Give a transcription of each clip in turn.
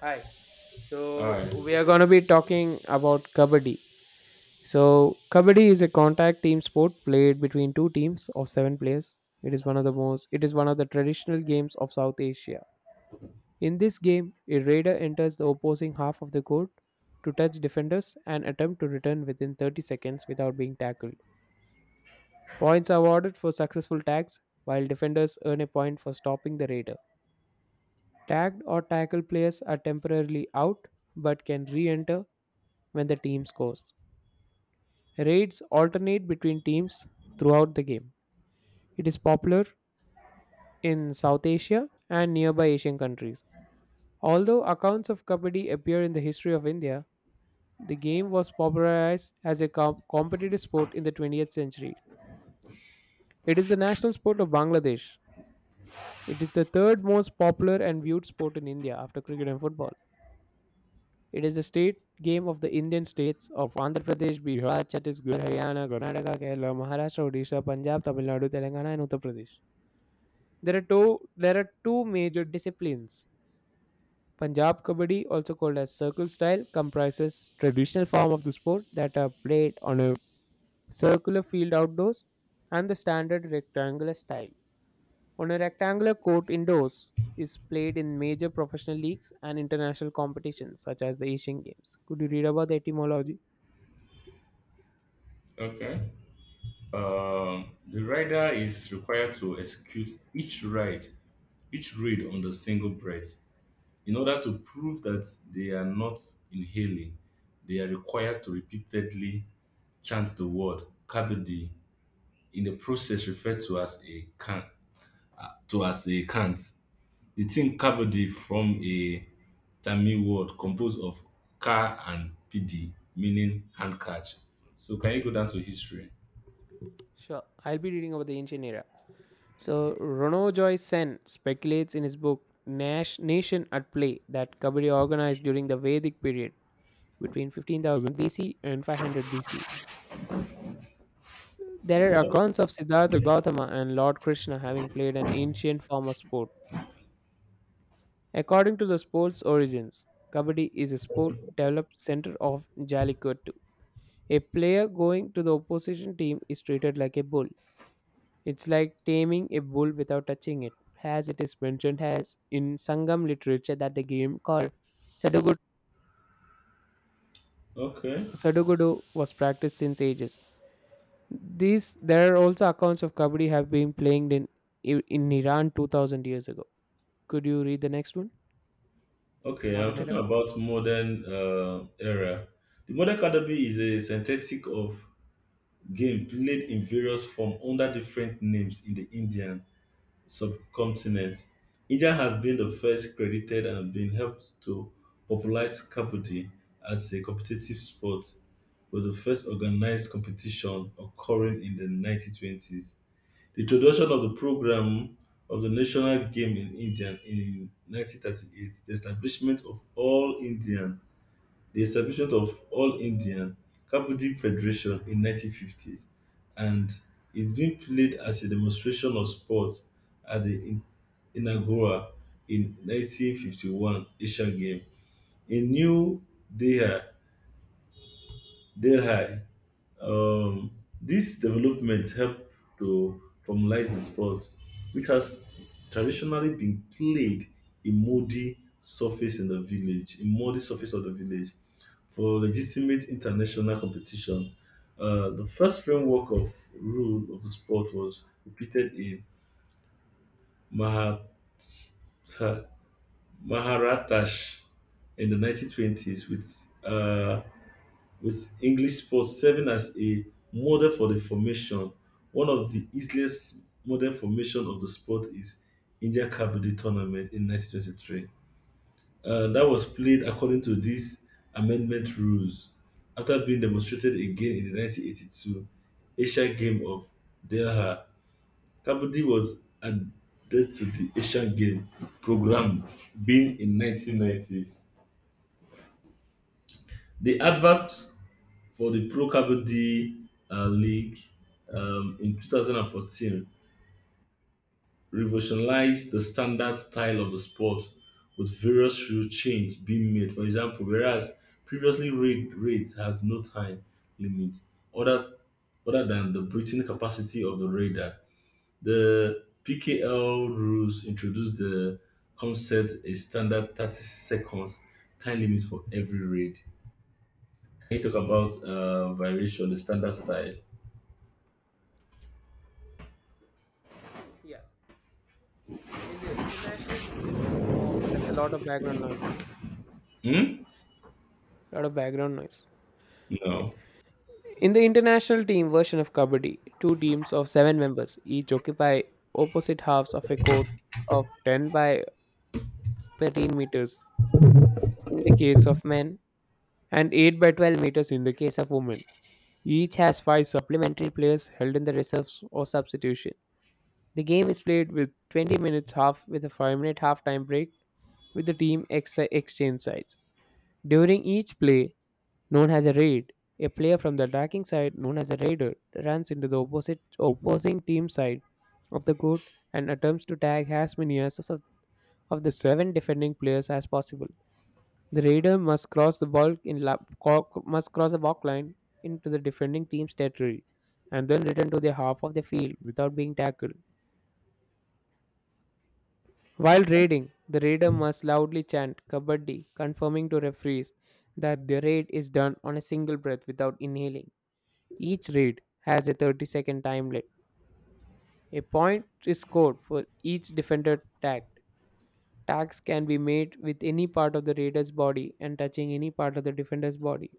Hi. So Aye. we are going to be talking about kabaddi. So kabaddi is a contact team sport played between two teams of seven players. It is one of the most. It is one of the traditional games of South Asia. In this game, a raider enters the opposing half of the court to touch defenders and attempt to return within 30 seconds without being tackled. Points are awarded for successful tags, while defenders earn a point for stopping the raider. Tagged or tackled players are temporarily out but can re-enter when the team scores. Raids alternate between teams throughout the game. It is popular in South Asia and nearby Asian countries. Although accounts of Kabaddi appear in the history of India, the game was popularized as a competitive sport in the 20th century. It is the national sport of Bangladesh. It is the third most popular and viewed sport in India after cricket and football. It is a state game of the Indian states of Andhra Pradesh, Bihar, Chhattisgarh, Haryana, Karnataka, Kerala, Maharashtra, Odisha, Punjab, Tamil Nadu, Telangana, and Uttar Pradesh. There are two major disciplines. Punjab Kabaddi, also called as circle style, comprises traditional form of the sport that are played on a circular field outdoors and the standard rectangular style. On a rectangular court indoors is played in major professional leagues and international competitions such as the Asian Games. Could you read about the etymology? Okay. The rider is required to execute each read on the single breath. In order to prove that they are not inhaling, they are required to repeatedly chant the word kabadi in the process referred to as a cant. The term kabadi from a Tamil word composed of ka and pidi, meaning handkerchief. So can you go down to history? Sure, I'll be reading about the ancient era. So, Renaud Joy Sen speculates in his book Nash Nation at Play that Kabaddi organized during the Vedic period between 15,000 BC and 500 BC. There are accounts of Siddhartha Gautama and Lord Krishna having played an ancient form of sport. According to the sport's origins, Kabaddi is a sport developed center of Jallikattu. A player going to the opposition team is treated like a bull. It's like taming a bull without touching it, as it is mentioned as in Sangam literature that the game called Sadugudu, Okay. Sadugudu was practiced since ages. These there are also accounts of kabaddi have been played in Iran 2000 years ago. Could you read the next one? Okay, I'm Modern talking era. about modern era. The modern Academy is a synthetic of game played in various form under different names in the Indian subcontinent. India has been the first credited and been helped to popularize Kabaddi as a competitive sport with the first organized competition occurring in the 1920s. The introduction of the program of the national game in India in 1938, the establishment of All Indian Kabaddi Federation in 1950s, and it's been played as a demonstration of sport at the inaugural in 1951 Asian Game, in New Delhi. Delhi um, this development helped to formalize the sport, which has traditionally been played in muddy surface of the village, for legitimate international competition. The first framework of rule of the sport was repeated in Mahat- Maharatash in the 1920s with with English sports serving as a model for the formation. One of the easiest model formation of the sport is India Kabaddi tournament in 1923. That was played according to these amendment rules after being demonstrated again in the 1982 Asian Game of Delhi. Kabaddi was added to the Asian Game program being in 1990s. The advent. For the Pro Kabaddi League in 2014 revolutionized the standard style of the sport with various rule changes being made. For example, whereas previously rates has no time limit other other than the breathing capacity of the radar, the PKL rules introduced the concept a standard 30 seconds time limit for every raid. Can you talk about variation, the standard style? Yeah, in the international team of there's a lot of background noise. Hmm? A lot of background noise. Okay. No. In the international team version of Kabaddi, two teams of seven members each occupy opposite halves of a court of 10 by 13 meters in the case of men and 8 by 12 meters in the case of women. Each has five supplementary players held in the reserves or substitution. The game is played with 20 minutes half with a 5-minute half time break with the team exchange sides. During each play, known as a raid. A player from the attacking side, known as a raider, runs into the opposite opposing team side of the court and attempts to tag as many as of the seven defending players as possible. The raider must cross the ball in la- co- must cross the balk line into the defending team's territory and then return to the half of the field without being tackled. While raiding, the raider must loudly chant Kabaddi, confirming to referees that the raid is done on a single breath without inhaling. Each raid has a 30-second time limit. A point is scored for each defender tagged. Tags can be made with any part of the raider's body and touching any part of the defender's body.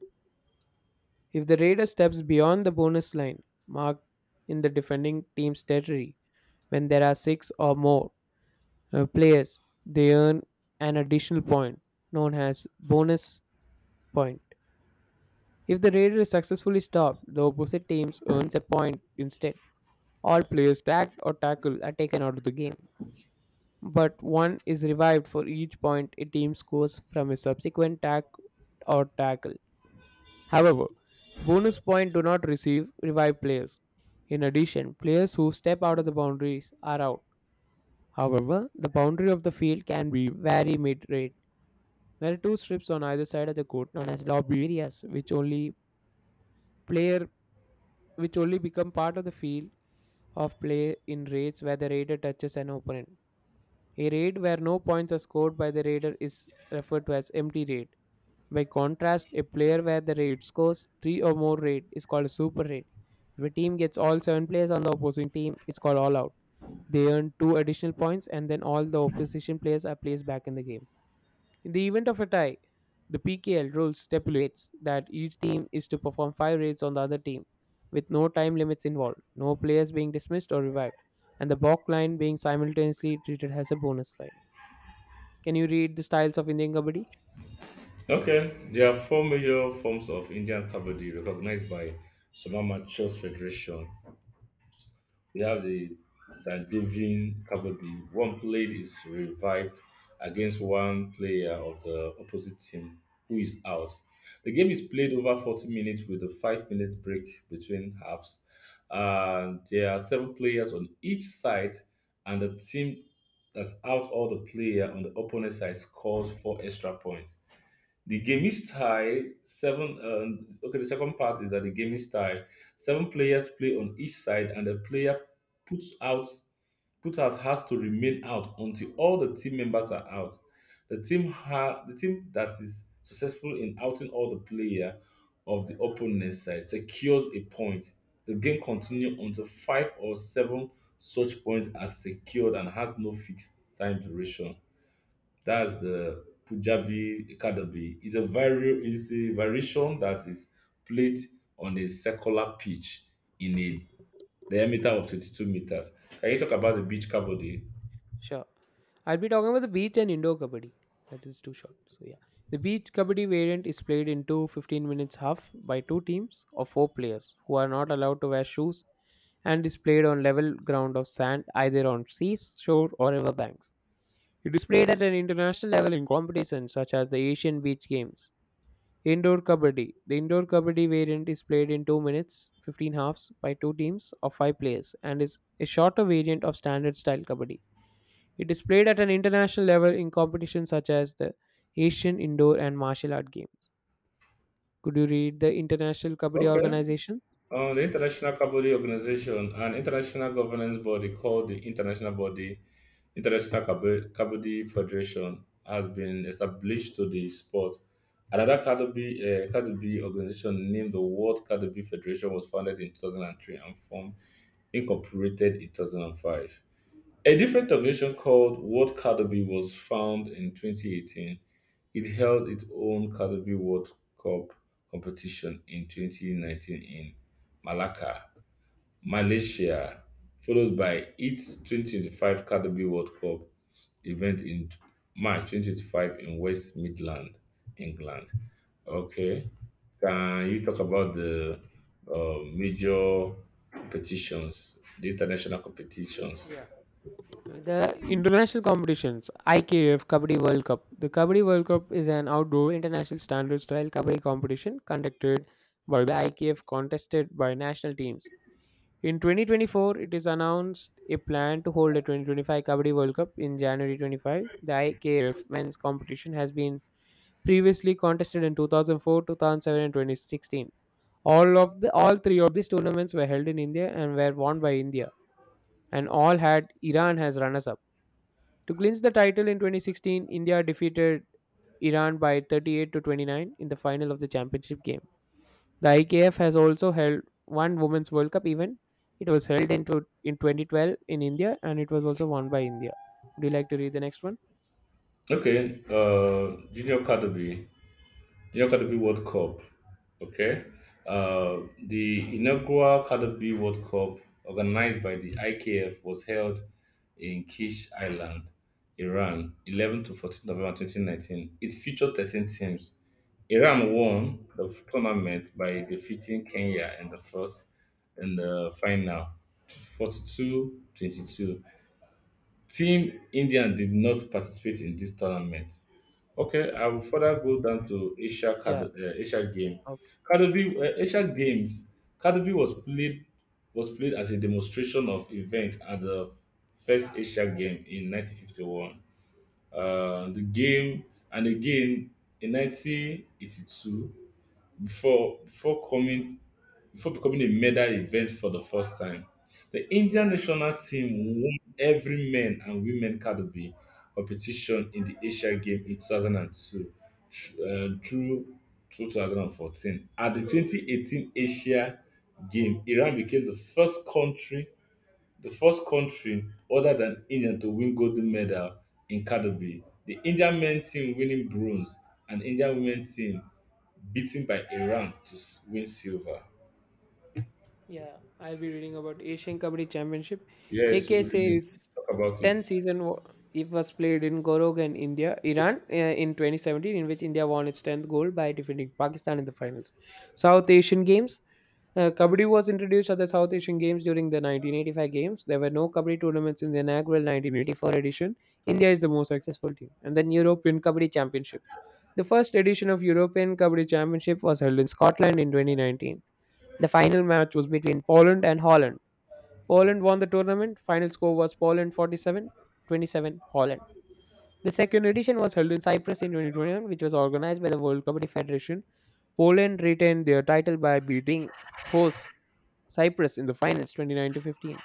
If the raider steps beyond the bonus line marked in the defending team's territory when there are six or more players, they earn an additional point known as bonus point. If the raider is successfully stopped, the opposite teams earns a point instead. All players tagged or tackled are taken out of the game, but one is revived for each point a team scores from a subsequent tag or tackle. However, bonus point do not receive revived players. In addition, players who step out of the boundaries are out. However, the boundary of the field can be very mid-rate. There are two strips on either side of the court known as lobby areas, player which only become part of the field of play in raids where the raider touches an opponent. A raid where no points are scored by the raider is referred to as empty raid. By contrast, a player where the raid scores 3 or more raid is called a super raid. If a team gets all 7 players on the opposing team, it's called all out. They earn 2 additional points and then all the opposition players are placed back in the game. In the event of a tie, the PKL rules stipulates that each team is to perform 5 raids on the other team with no time limits involved, no players being dismissed or revived, and the balk line being simultaneously treated as a bonus line. Can you read the styles of Indian Kabaddi? Okay. There are four major forms of Indian kabaddi recognized by Soma Matchers Federation. We have the Sandevian kabaddi. One played is revived against one player of the opposite team who is out. The game is played over 40 minutes with a 5-minute break between halves. And there are seven players on each side, and the team that's out all the player on the opponent side scores four extra points. The gaming style seven Okay, the second part is that the gaming style seven players play on each side, and the player puts out put out has to remain out until all the team members are out. The team that is successful in outing all the player of the opponent side secures a point. The game continues until five or seven such points are secured and has no fixed time duration. That's the Punjabi Academy. It's a variation that is played on a circular pitch in a diameter of 22 meters. Can you talk about the beach kabaddi? Sure. I'll be talking about the beach and indoor Kabaddi. That is too short. So, yeah. The beach Kabaddi variant is played in 2 15-minute half by two teams of four players who are not allowed to wear shoes and is played on level ground of sand either on seas, shore, or river banks. It is played at an international level in competitions such as the Asian Beach Games. Indoor Kabaddi: the indoor Kabaddi variant is played in 2 minutes, 15 halves by 2 teams of 5 players and is a shorter variant of standard style Kabaddi. It is played at an international level in competitions such as the Asian Indoor and Martial Art Games. Could you read the International Kabaddi Okay. Organization? The International Kabaddi Organization, an international governance body called the International Body International Kab- Kabaddi Federation, has been established to the sport. Another Kabaddi organization named the World Kabaddi Federation was founded in 2003 and formed incorporated in 2005. A different organization called World Cardio was founded in 2018. It held its own Cardio World Cup competition in 2019 in Malacca, Malaysia, followed by its 2025 Cardio World Cup event in March 2025 in West Midland, England. Okay. Can you talk about the major competitions, the international competitions? Yeah. The international competitions, IKF Kabaddi World Cup. The Kabaddi World Cup is an outdoor international standard style Kabaddi competition conducted by the IKF contested by national teams. In 2024, it is announced a plan to hold a 2025 Kabaddi World Cup in January 25th. The IKF men's competition has been previously contested in 2004, 2007, and 2016. All three of these tournaments were held in India and were won by India, and all had Iran as runners-up. To clinch the title in 2016, India defeated Iran by 38 to 29 in the final of the championship game. The IKF has also held one Women's World Cup event. It was held in 2012 in India and it was also won by India. Would you like to read the next one? Okay. Junior category New Caterpillar World Cup. Okay. Uh, the inaugural Caterpillar World Cup, organized by the IKF, was held in Kish Island, Iran, 11 to 14 November 2019. It featured 13 teams. Iran won the tournament by defeating Kenya in the final 42-22. Team India did not participate in this tournament. Okay, I will further go down to Yeah. Asia Game. Okay. Kadobi, Asia Games. Kadobi was played as a demonstration of event at the first Asia Game in 1951. The game and again in 1982 before before coming before becoming a medal event for the first time. The Indian national team won every men and women category competition in the Asia Games in 2002 through 2014. At the 2018 Asia Games, Iran became the first country other than India to win gold medal in category. The Indian men team winning bronze and Indian women team beaten by Iran to win silver. Yeah, I'll be reading about Asian Kabaddi Championship. Yes, AK symbolism. says Talk about it. 10 season it was played in Gorogan, India, Iran in 2017, in which India won its 10th gold by defeating Pakistan in the finals. South Asian Games. Kabaddi was introduced at the South Asian Games during the 1985 Games. There were no Kabaddi tournaments in the inaugural 1984 edition. India is the most successful team. And then European Kabaddi Championship. The first edition of European Kabaddi Championship was held in Scotland in 2019. The final match was between Poland and Holland. Poland won the tournament. Final score was Poland 47-27 Holland. The second edition was held in Cyprus in 2021, which was organized by the World Rugby Federation. Poland retained their title by beating host Cyprus in the finals 29 to 15.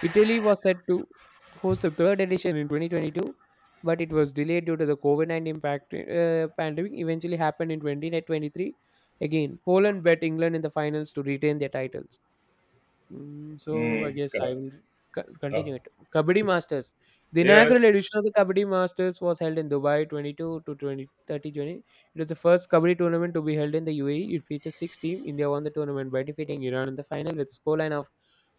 Italy was set to host the third edition in 2022, but it was delayed due to the COVID 19 impact. Pandemic eventually happened in 2023. Again, Poland bet England in the finals to retain their titles. So I Mm, guess I God. will Uh, continue it. Kabaddi Masters. The yes. inaugural edition of the Kabaddi Masters was held in Dubai 22 to twenty-thirty. It was the first Kabaddi tournament to be held in the UAE. It features six teams. India won the tournament by defeating Iran in the final with a scoreline of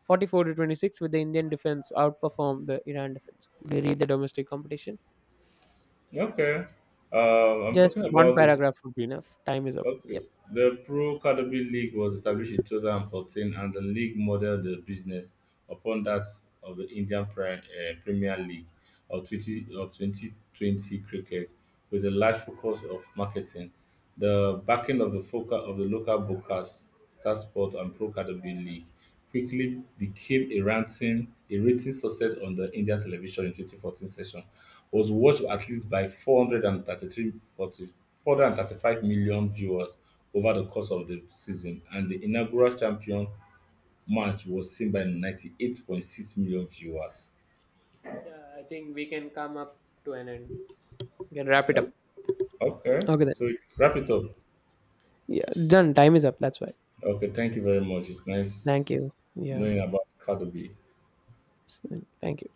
44 to 26, with the Indian defense outperform the Iran defense. They read the domestic competition. Okay. I'm Just talking one about the paragraph would be enough. Time is up. Okay. Yep. The Pro Cadbury League was established in 2014 and the league modeled the business upon that of the Indian Premier League of 2020 cricket with a large focus of marketing. The backing of the focus of the local broadcast, Star Sport and Pro Cadbury League quickly became a rating success on the Indian television in 2014 session, was watched at least by 433, 435 million viewers over the course of the season, and the inaugural champion match was seen by 98.6 million viewers. Yeah, I think we can come up to an end. We can wrap it up. O- Okay, Okay then. so wrap it up. Yeah, done. Time is up. That's why. Okay, thank you very much. It's Thank nice you. Yeah. knowing about Caterpie. S- Thank you.